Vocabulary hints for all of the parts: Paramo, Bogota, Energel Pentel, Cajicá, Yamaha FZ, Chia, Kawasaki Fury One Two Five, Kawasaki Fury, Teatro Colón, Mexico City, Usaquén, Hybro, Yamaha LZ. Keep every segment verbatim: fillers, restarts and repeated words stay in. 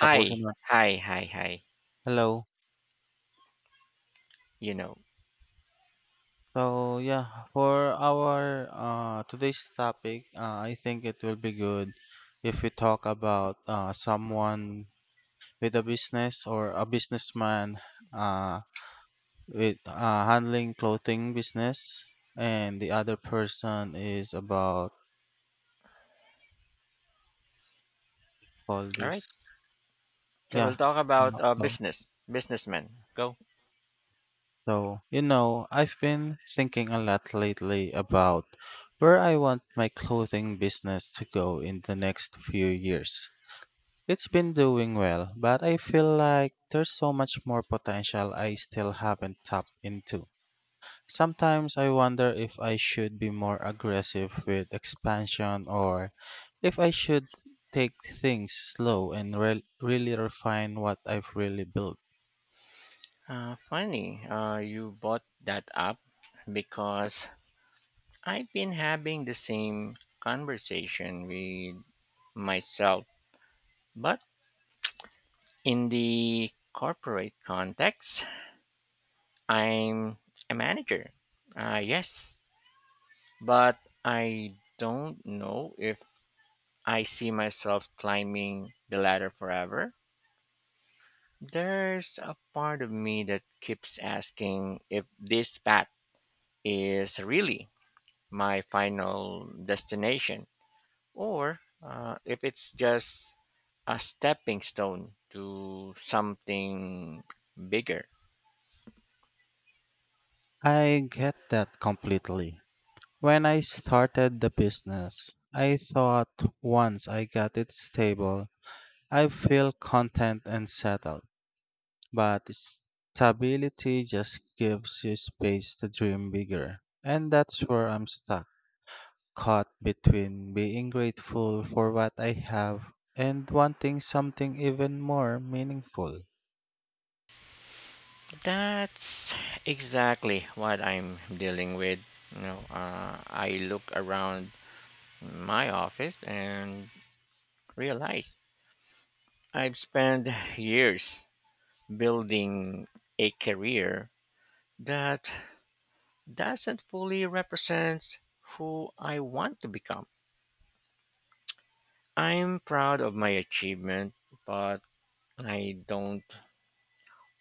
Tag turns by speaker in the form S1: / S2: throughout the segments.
S1: Tapusin mo.
S2: hi, hi, hi.
S1: Hello.
S2: You know.
S1: So, yeah, for our, uh, today's topic, uh, I think it will be good if we talk about uh, someone with a business or a businessman uh, with uh, handling clothing business, and the other person is about all
S2: All right.
S1: this.
S2: So
S1: Yeah.
S2: we'll talk
S1: Uh,
S2: about uh,
S1: So
S2: business, businessmen. Go.
S1: So, you know, I've been thinking a lot lately about where I want my clothing business to go in the next few years. It's been doing well, but I feel like there's so much more potential I still haven't tapped into. Sometimes I wonder if I should be more aggressive with expansion or if I should take things slow and re- really refine what I've really built.
S2: Uh, funny, uh, you bought that up because I've been having the same conversation with myself, but in the corporate context, I'm a manager. Uh, yes, but I don't know if I see myself climbing the ladder forever. There's a part of me that keeps asking if this path is really my final destination, or uh, if it's just a stepping stone to something bigger.
S1: I get that completely. When I started the business, I thought once I got it stable, I feel content and settled. But stability just gives you space to dream bigger. And that's where I'm stuck, caught between being grateful for what I have and wanting something even more meaningful.
S2: That's exactly what I'm dealing with. You know, uh, I look around my office and realize I've spent years building a career that doesn't fully represent who I want to become. I'm proud of my achievement, but I don't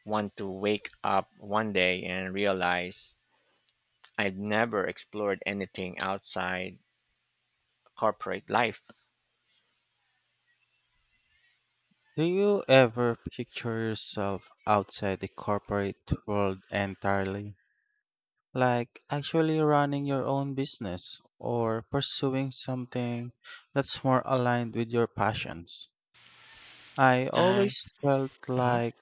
S2: want to wake up one day and realize I've never explored anything outside corporate life.
S1: Do you ever picture yourself outside the corporate world entirely? Like actually running your own business or pursuing something that's more aligned with your passions. I
S2: I,
S1: always felt
S2: Mhm.
S1: like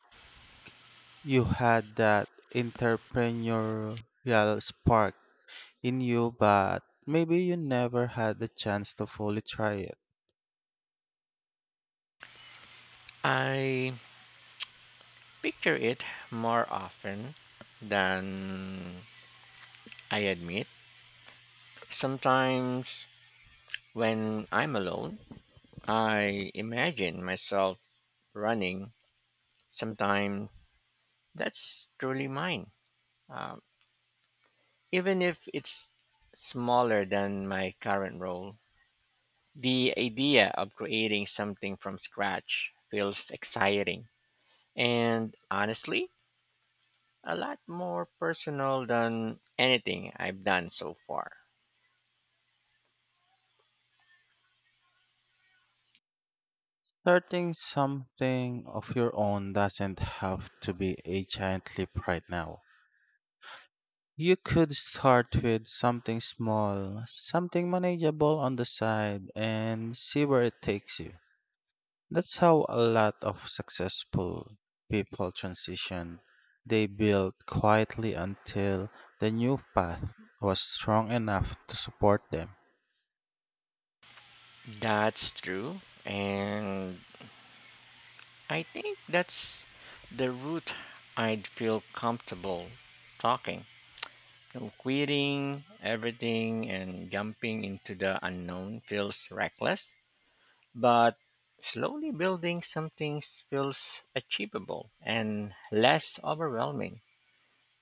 S1: you had that entrepreneurial spark in you, but maybe you never had the chance to fully try it.
S2: I picture it more often than I admit. Sometimes when I'm alone, I imagine myself running, sometimes. That's truly mine. Um, Even if it's smaller than my current role, the idea of creating something from scratch feels exciting, and honestly, a lot more personal than anything I've done so far.
S1: Starting something of your own doesn't have to be a giant leap right now. You could start with something small, something manageable on the side, and see where it takes you. That's how a lot of successful people transition. They built quietly until the new path was strong enough to support them.
S2: That's true, and I think that's the route I'd feel comfortable talking. So quitting everything and jumping into the unknown feels reckless, but slowly building something feels achievable and less overwhelming.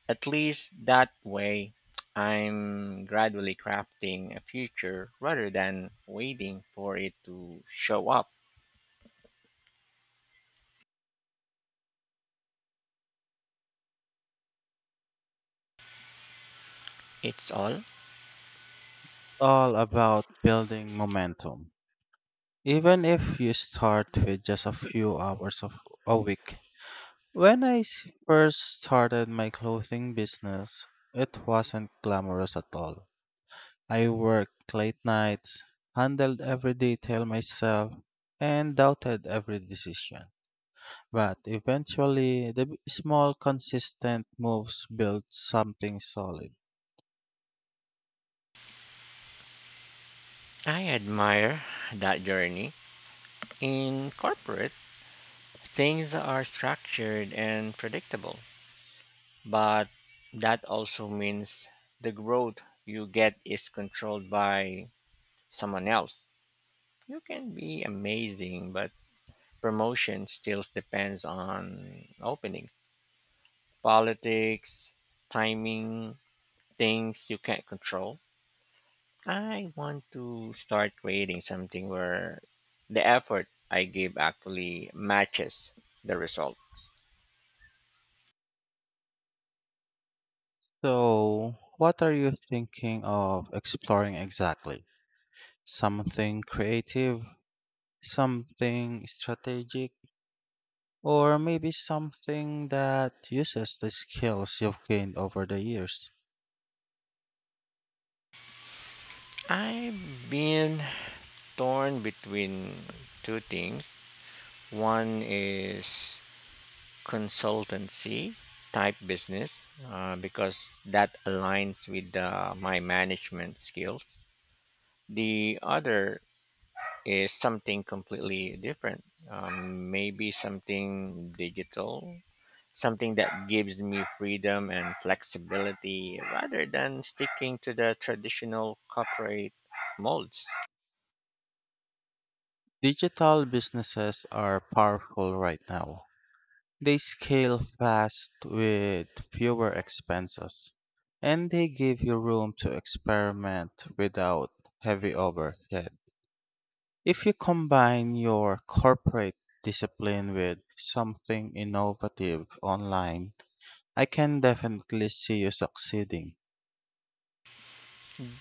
S2: At least that way, I'm gradually crafting a future rather than waiting for it to show up. It's all.
S1: All about building momentum. Even if you start with just a few hours of a week. When I s- first started my clothing business, it wasn't glamorous at all. I worked late nights, handled every detail myself, and doubted every decision. But eventually, the b- small, consistent moves built something solid.
S2: I admire that journey. In corporate, things are structured and predictable, but that also means the growth you get is controlled by someone else. You can be amazing, but promotion still depends on opening, politics, timing, things you can't control. I want to start creating something where the effort I give actually matches the result.
S1: So, what are you thinking of exploring exactly? Something creative? Something strategic? Or maybe something that uses the skills you've gained over the years.
S2: I've been torn between two things. One is consultancy type business uh, because that aligns with uh, my management skills. The other is something completely different, um, maybe something digital, something that gives me freedom and flexibility rather than sticking to the traditional corporate molds.
S1: Digital businesses are powerful right now. They scale fast with fewer expenses, and they give you room to experiment without heavy overhead. If you combine your corporate discipline with something innovative online, I can definitely see you succeeding.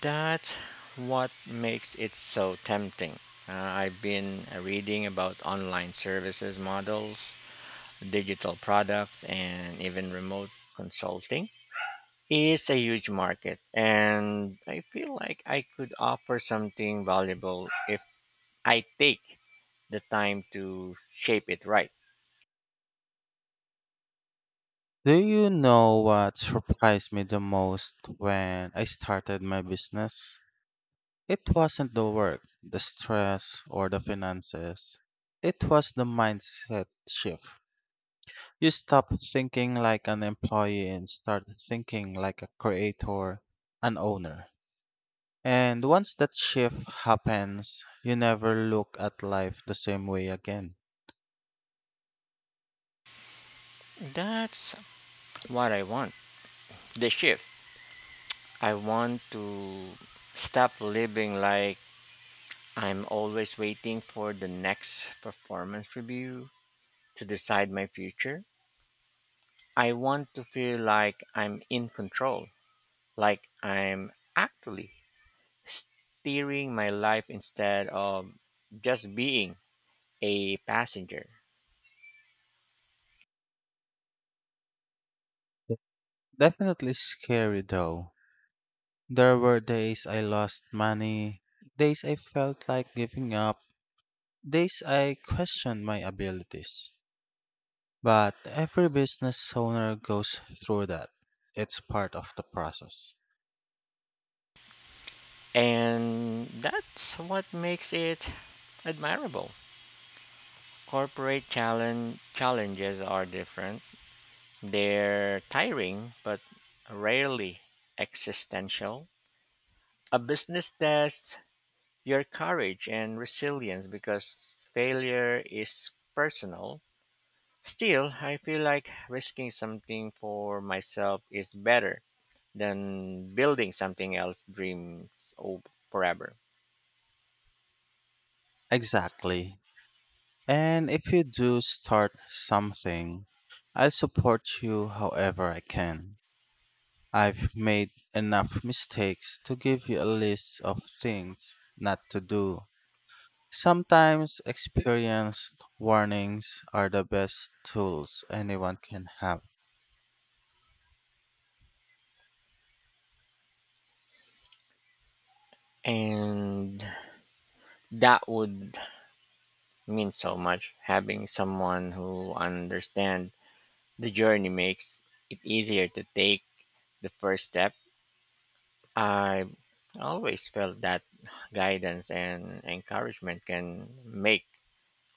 S2: That's what makes it so tempting. Uh, I've been reading about online services models, digital products, and even remote consulting is a huge market. And I feel like I could offer something valuable if I take the time to shape it right.
S1: Do you know what surprised me the most when I started my business? It wasn't the work, the stress, or the finances. It was the mindset shift. You stop thinking like an employee and start thinking like a creator, an owner. And once that shift happens, you never look at life the same way again.
S2: That's what I want, the shift. I want to stop living like I'm always waiting for the next performance review to decide my future. I want to feel like I'm in control, like I'm actually steering my life instead of just being a passenger.
S1: Definitely scary though. There were days I lost money, days I felt like giving up, days I questioned my abilities. But every business owner goes through that. It's part of the process.
S2: And that's what makes it admirable. Corporate challenge challenges are different. They're tiring but rarely existential. A business tests your courage and resilience because failure is personal. Still, I feel like risking something for myself is better than building something else dreams of forever.
S1: Exactly. And if you do start something, I'll support you however I can. I've made enough mistakes to give you a list of things not to do. Sometimes experienced warnings are the best tools anyone can have.
S2: And that would mean so much. Having someone who understands the journey makes it easier to take the first step. I always felt that guidance and encouragement can make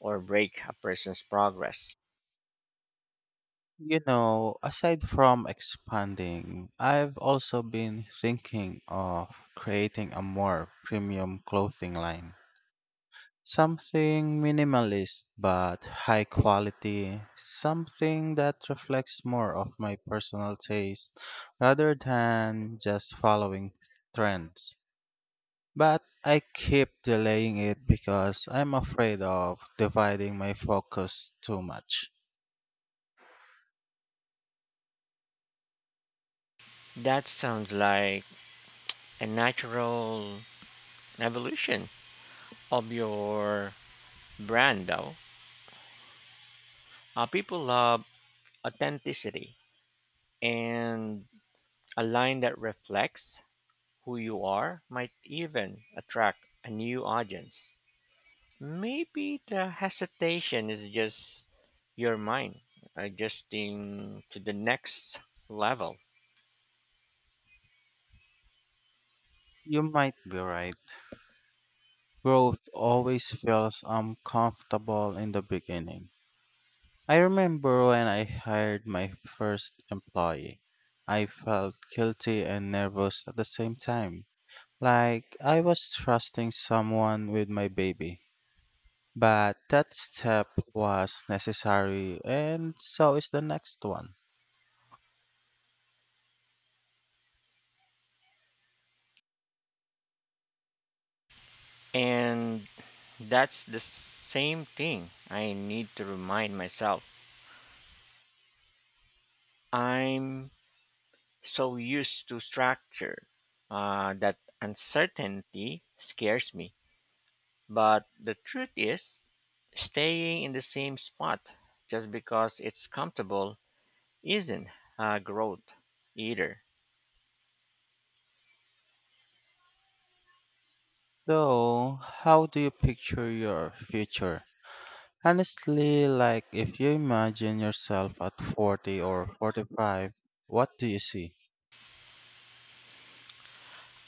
S2: or break a person's progress.
S1: You know, aside from expanding, I've also been thinking of creating a more premium clothing line. Something minimalist but high quality, something that reflects more of my personal taste rather than just following trends. But I keep delaying it because I'm afraid of dividing my focus too much.
S2: That sounds like a natural evolution of your brand, though. Uh, people love authenticity, and a line that reflects who you are might even attract a new audience. Maybe the hesitation is just your mind adjusting to the next level.
S1: You might be right. Growth always feels uncomfortable in the beginning. I remember when I hired my first employee. I felt guilty and nervous at the same time. Like I was trusting someone with my baby. But that step was necessary, and so is the next one.
S2: And that's the same thing I need to remind myself. I'm so used to structure uh, that uncertainty scares me. But the truth is, staying in the same spot just because it's comfortable isn't uh, growth either.
S1: So, how do you picture your future? Honestly, like if you imagine yourself at forty or forty-five, what do you see?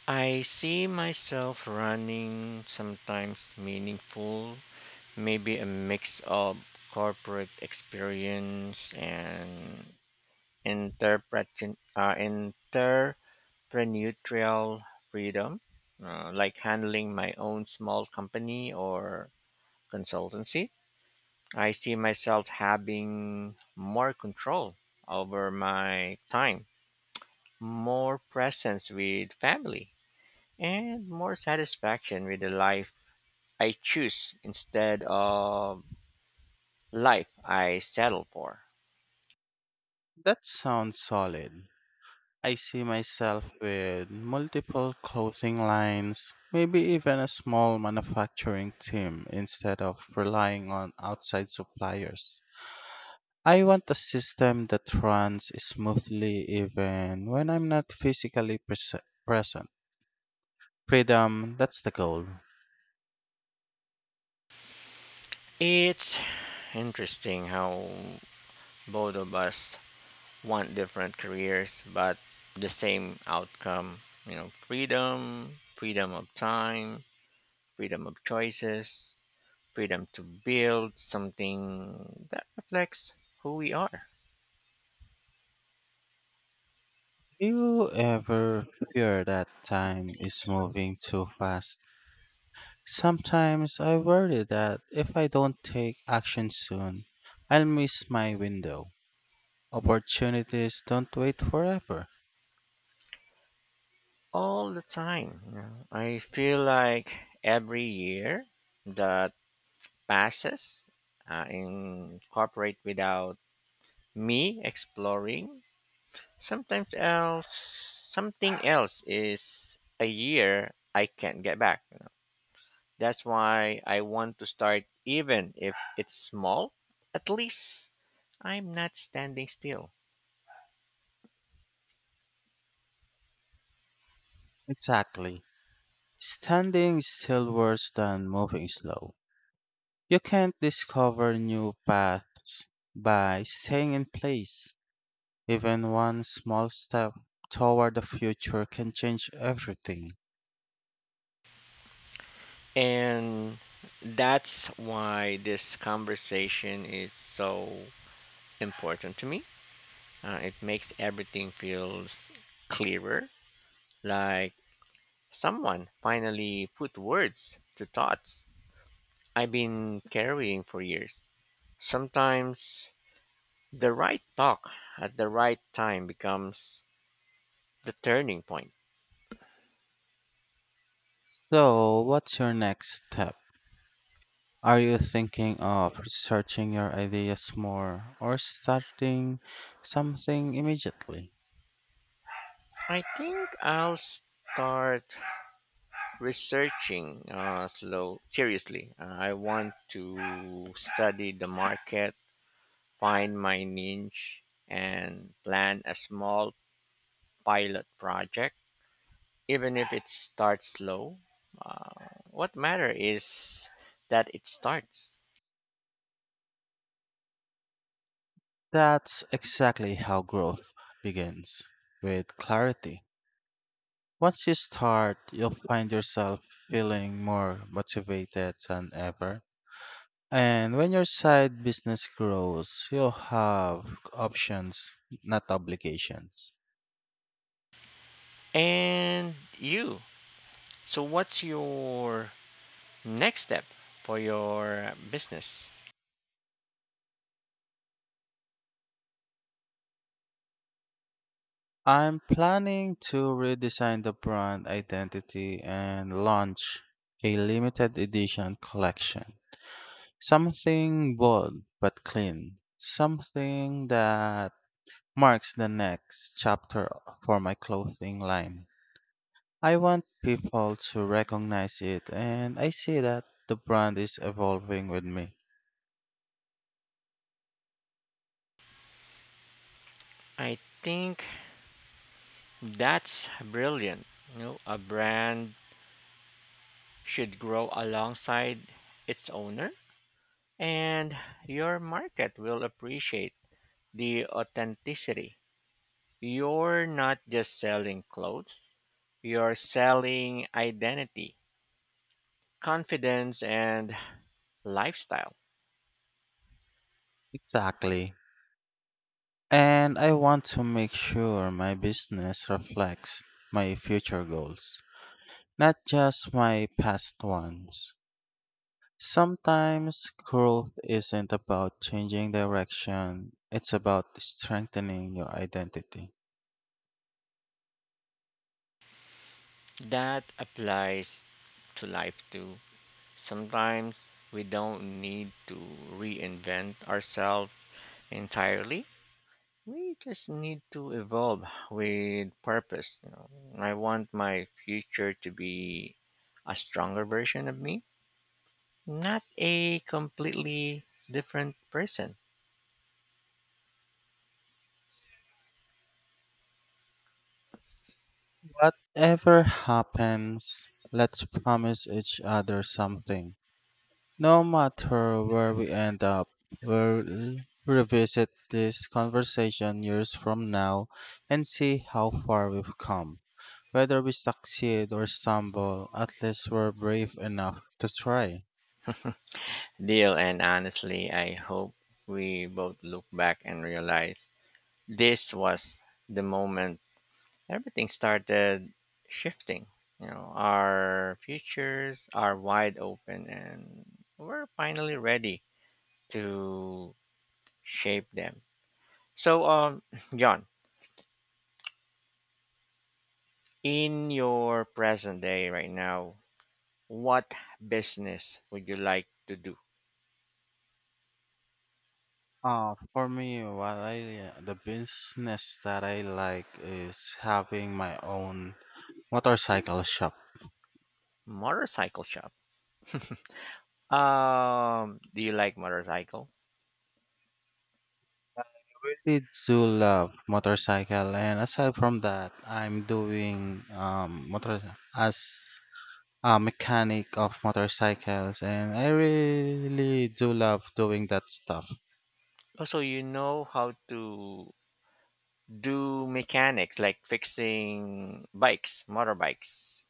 S2: I see myself running sometimes meaningful, maybe a mix of corporate experience and interpret- uh, entrepreneurial freedom, uh, like handling my own small company or consultancy. I see myself having more control over my time, more presence with family, and more satisfaction with the life I choose instead of life I settle for.
S1: That sounds solid. I see myself with multiple clothing lines, maybe even a small manufacturing team instead of relying on outside suppliers. I want a system that runs smoothly even when I'm not physically pres- present. Freedom, that's the goal.
S2: It's interesting how both of us want different careers but the same outcome, you know, freedom, freedom of time, freedom of choices, freedom to build something that reflects who we are.
S1: Do you ever fear that time is moving too fast? Sometimes I worry that if I don't take action soon, I'll miss my window. Opportunities don't wait forever.
S2: All the time, you know? I feel like every year that passes uh, in corporate without me exploring sometimes else something else is a year I can't get back. You know? That's why I want to start even if it's small. At least I'm not standing still.
S1: Exactly. Standing is still worse than moving slow. You can't discover new paths by staying in place. Even one small step toward the future can change everything.
S2: And that's why this conversation is so important to me. Uh, it makes everything feels clearer, like someone finally put words to thoughts I've been carrying for years. Sometimes the right talk at the right time becomes the turning point.
S1: So, what's your next step? Are you thinking of researching your ideas more or starting something immediately?
S2: I think I'll start researching uh, slow, seriously. Uh, I want to study the market, find my niche, and plan a small pilot project, even if it starts slow. Uh, what matter is that it starts.
S1: That's exactly how growth begins with clarity. Once you start, you'll find yourself feeling more motivated than ever. And when your side business grows, you'll have options, not obligations.
S2: And you. So what's your next step for your business?
S1: I'm planning to redesign the brand identity and launch a limited edition collection. Something bold but clean. Something that marks the next chapter for my clothing line. I want people to recognize it, and I see that the brand is evolving with me.
S2: I think that's brilliant. You know, a brand should grow alongside its owner, and your market will appreciate the authenticity. You're not just selling clothes, you're selling identity, confidence, and lifestyle.
S1: Exactly. And I want to make sure my business reflects my future goals. Not just my past ones. Sometimes growth isn't about changing direction, it's about strengthening your identity.
S2: That applies to life too. Sometimes we don't need to reinvent ourselves entirely. We just need to evolve with purpose. You know, I want my future to be a stronger version of me, not a completely different person.
S1: Whatever happens, let's promise each other something. No matter where we end up, we'll revisit this conversation years from now and see how far we've come. Whether we succeed or stumble, at least we're brave enough to try.
S2: Deal, and honestly, I hope we both look back and realize this was the moment everything started shifting. You know, our futures are wide open, and we're finally ready to shape them. So, um, John, in your present day right now, what business would you like to do?
S1: Uh, for me, what I the business that I like is having my own motorcycle shop.
S2: Motorcycle shop. Um, do you like motorcycle?
S1: I really do love motorcycle, and aside from that, I'm doing um motor as a mechanic of motorcycles, and I really do love doing that stuff.
S2: Also, you know how to do mechanics, like fixing bikes, motorbikes.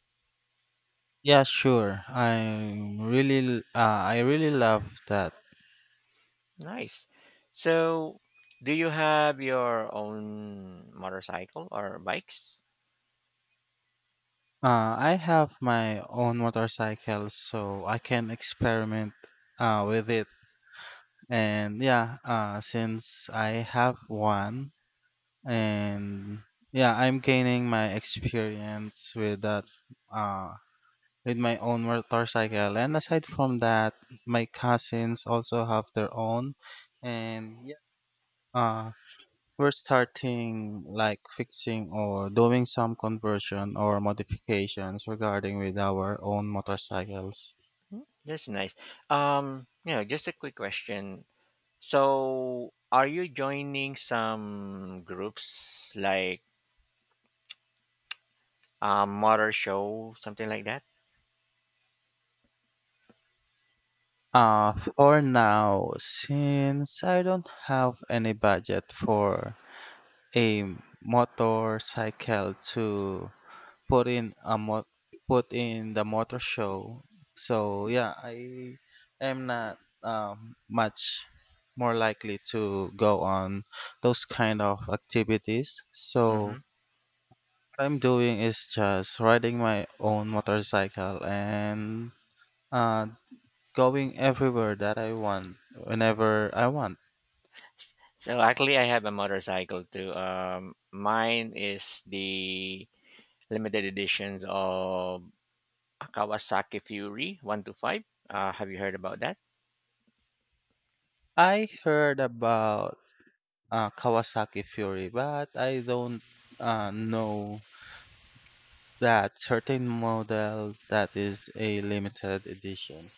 S1: Yeah, sure. I'm really l- uh, I really love that.
S2: Nice. So, do you have your own motorcycle or bikes?
S1: Uh, I have my own motorcycle, so I can experiment uh, with it. And yeah, uh, since I have one, and yeah, I'm gaining my experience with that, uh, with my own motorcycle. And aside from that, my cousins also have their own, and yeah, uh, we're starting like fixing or doing some conversion or modifications regarding with our own motorcycles.
S2: That's nice. Um, you know, just a quick question. So, are you joining some groups like um, motor show, something like that?
S1: Uh, for now, since I don't have any budget for a motorcycle to put in a mo- put in the motor show, so yeah, I am not um, much more likely to go on those kind of activities.
S2: Mm-hmm.
S1: So I'm doing is just riding my own motorcycle and uh, going everywhere that I want, whenever I want.
S2: So actually, I have a motorcycle too. Um, mine is the limited editions of Kawasaki Fury One Two Five. Uh, have you heard about that?
S1: I heard about uh, Kawasaki Fury, but I don't uh, know that certain model that is a limited edition.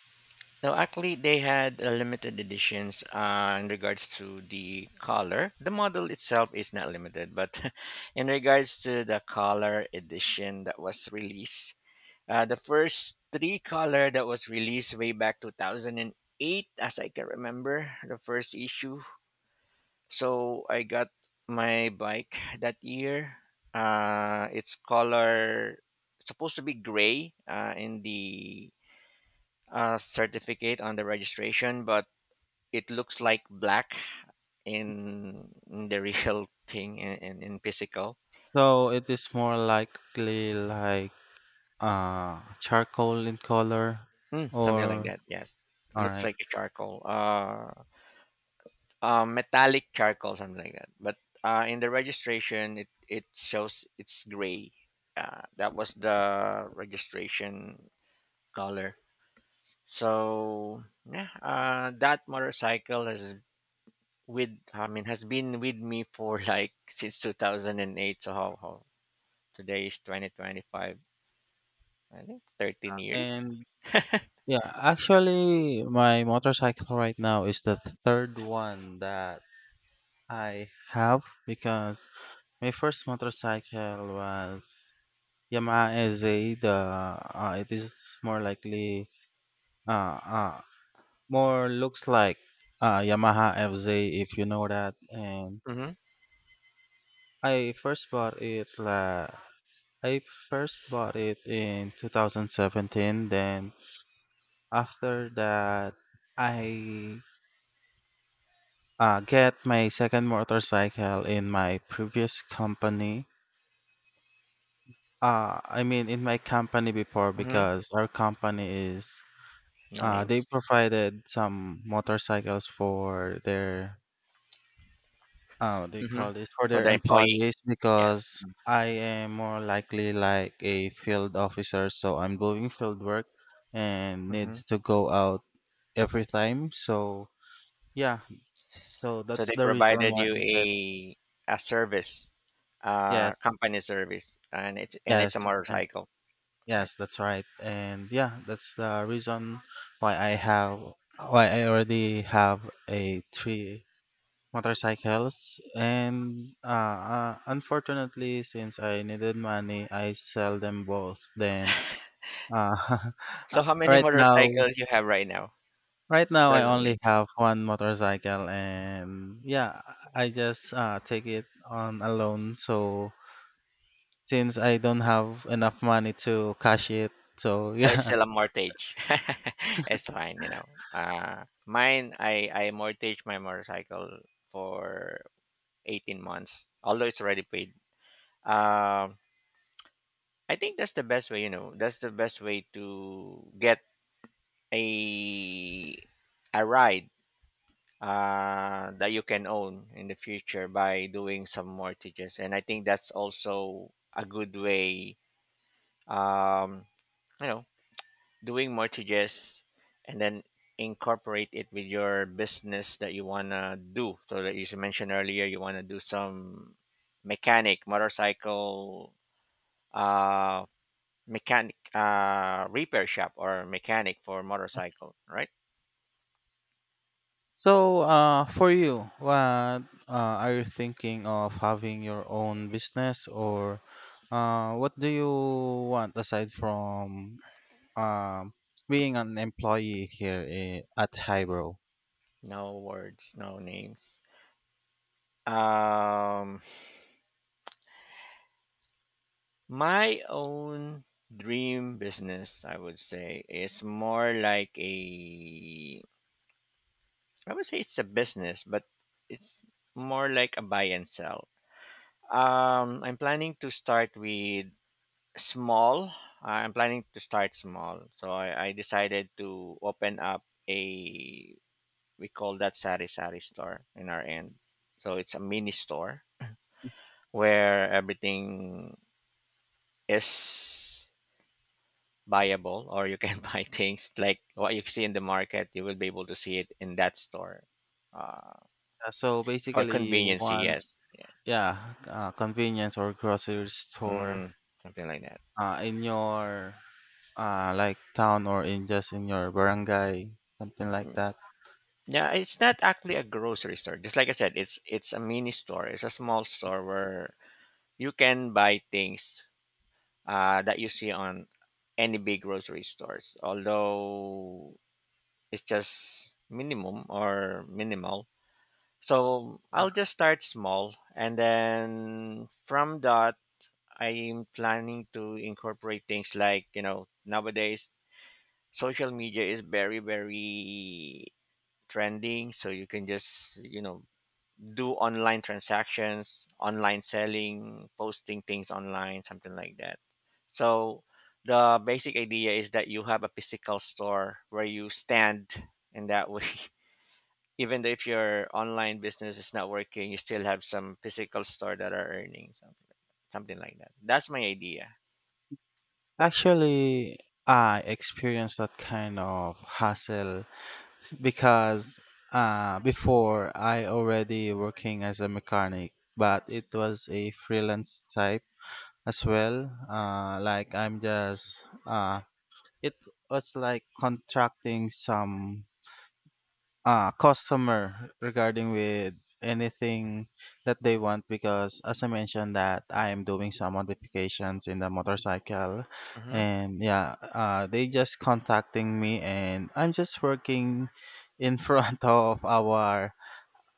S2: No, actually, they had uh, limited editions uh, in regards to the color. The model itself is not limited, but in regards to the color edition that was released. Uh, the first three color that was released way back two thousand eight, as I can remember, the first issue. So I got my bike that year. Uh, it's color supposed to be gray uh, in the uh, certificate on the registration, but it looks like black in, in the real thing in, in, in, physical.
S1: So it is more likely like uh, charcoal in color
S2: Hmm, something like
S1: or
S2: that. Yes,
S1: all
S2: looks
S1: right.
S2: like a charcoal. Uh, um, metallic charcoal, something like that. But uh, in the registration, it, it shows it's gray. Uh, that was the registration color. So yeah, uh, that motorcycle has with I mean has been with me for like since two thousand eight. So how, how today is twenty twenty-five? I think thirteen years.
S1: And yeah, actually, my motorcycle right now is the third one that I have because my first motorcycle was Yamaha L Z. The uh, it is more likely uh, uh more looks like uh Yamaha F Z if you know that. And
S2: Mm-hmm.
S1: I first bought it la I first bought it in two thousand seventeen. Then after that, I uh, get my second motorcycle in my previous company. Uh, I mean, in my company before
S2: Mm-hmm.
S1: because our company is
S2: No
S1: uh, they
S2: names.
S1: provided some motorcycles for their uh, what do you
S2: Mm-hmm.
S1: call this for
S2: For
S1: their
S2: the employee,
S1: employees
S2: yes.
S1: because I am more likely like a field officer, so I'm doing field work and
S2: Mm-hmm.
S1: needs to go out every time. So yeah, so
S2: So
S1: that's
S2: they
S1: the reason
S2: provided
S1: why
S2: you
S1: I get
S2: a a service,
S1: yes,
S2: uh, company service, and it's and it's
S1: yes,
S2: a motorcycle, right?
S1: yes, that's right. And yeah, that's the reason why I have why I already have a three motorcycles and uh, uh unfortunately since I needed money I sell them both then uh uh,
S2: So how many
S1: right now
S2: motorcycles you have right now
S1: right now I only
S2: presently?
S1: have one motorcycle and yeah I just uh take it on a loan so since I don't
S2: So,
S1: have enough money to cash it so
S2: so it's
S1: yeah
S2: still a mortgage. it's fine, you know. Uh, mine, I I mortgage my motorcycle for eighteen months, although it's already paid. Um, I think that's the best way, you know. That's the best way to get a a ride uh, that you can own in the future by doing some mortgages. And I think that's also a good way, um, you know, doing mortgages and then incorporate it with your business that you want to do. So that you mentioned earlier, you want to do some mechanic, motorcycle, uh, mechanic uh, repair shop or mechanic for motorcycle, right?
S1: So, uh, for you, what uh, are you thinking of having your own business, or uh, what do you want aside from um, being an employee here i- at Hybro?
S2: No words, no names. Um, My own dream business, I would say, is more like a. I would say it's a business, but it's more like a buy and sell. Um, I'm planning to start with small. I'm planning to start small, so I, I decided to open up a. We call that sari sari store in our end. So it's a mini store where everything is buyable, or you can buy things like what you see in the market you will be able to see it in that store, uh,
S1: Uh, so
S2: for
S1: basically, you
S2: conveniency.
S1: want
S2: Yes, yeah.
S1: yeah, uh, convenience or grocery store
S2: Hmm, something like that.
S1: uh, in your uh, like town or in just in your barangay, something like that.
S2: Yeah, it's not actually a grocery store. Just like I said, it's it's a mini store, it's a small store where you can buy things uh, that you see on any big grocery stores, although it's just minimum or minimal. So I'll just start small, and then from that I'm planning to incorporate things like, you know, nowadays social media is very, very trending. So you can just, you know, do online transactions, online selling, posting things online, something like that. So the basic idea is that you have a physical store where you stand, and that way. Even though if your online business is not working, you still have some physical store that are earning something, like, something like that. That's my idea.
S1: Actually, I experienced that kind of hassle because uh, before I already working as a mechanic, but it was a freelance type as well. Uh, like I'm just uh, it was like contracting some uh, customer regarding with anything that they want because as I mentioned that I am doing some modifications in the motorcycle
S2: Mhm.
S1: and yeah uh, they just contacting me and I'm just working in front of our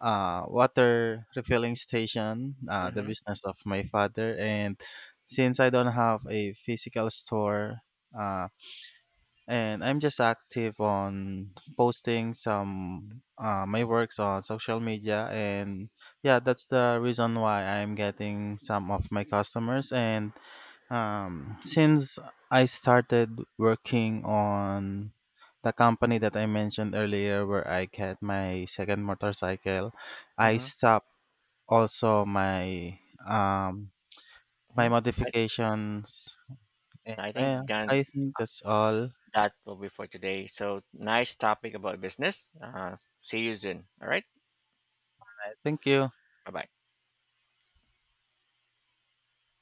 S1: uh, water refilling station uh, the
S2: Mm-hmm.
S1: business of my father and since I don't have a physical store uh, and I'm just active on posting some uh, my works on social media and yeah that's the reason why I'm getting some of my customers and um, since I started working on the company that I mentioned earlier where I get my second motorcycle I
S2: Mm-hmm.
S1: stopped also my um, my
S2: hmm I,
S1: modifications and
S2: I
S1: I,
S2: think then
S1: I think that's all.
S2: that will be for today. So nice topic about business. Uh, see you soon. All right.
S1: Thank you.
S2: Bye bye.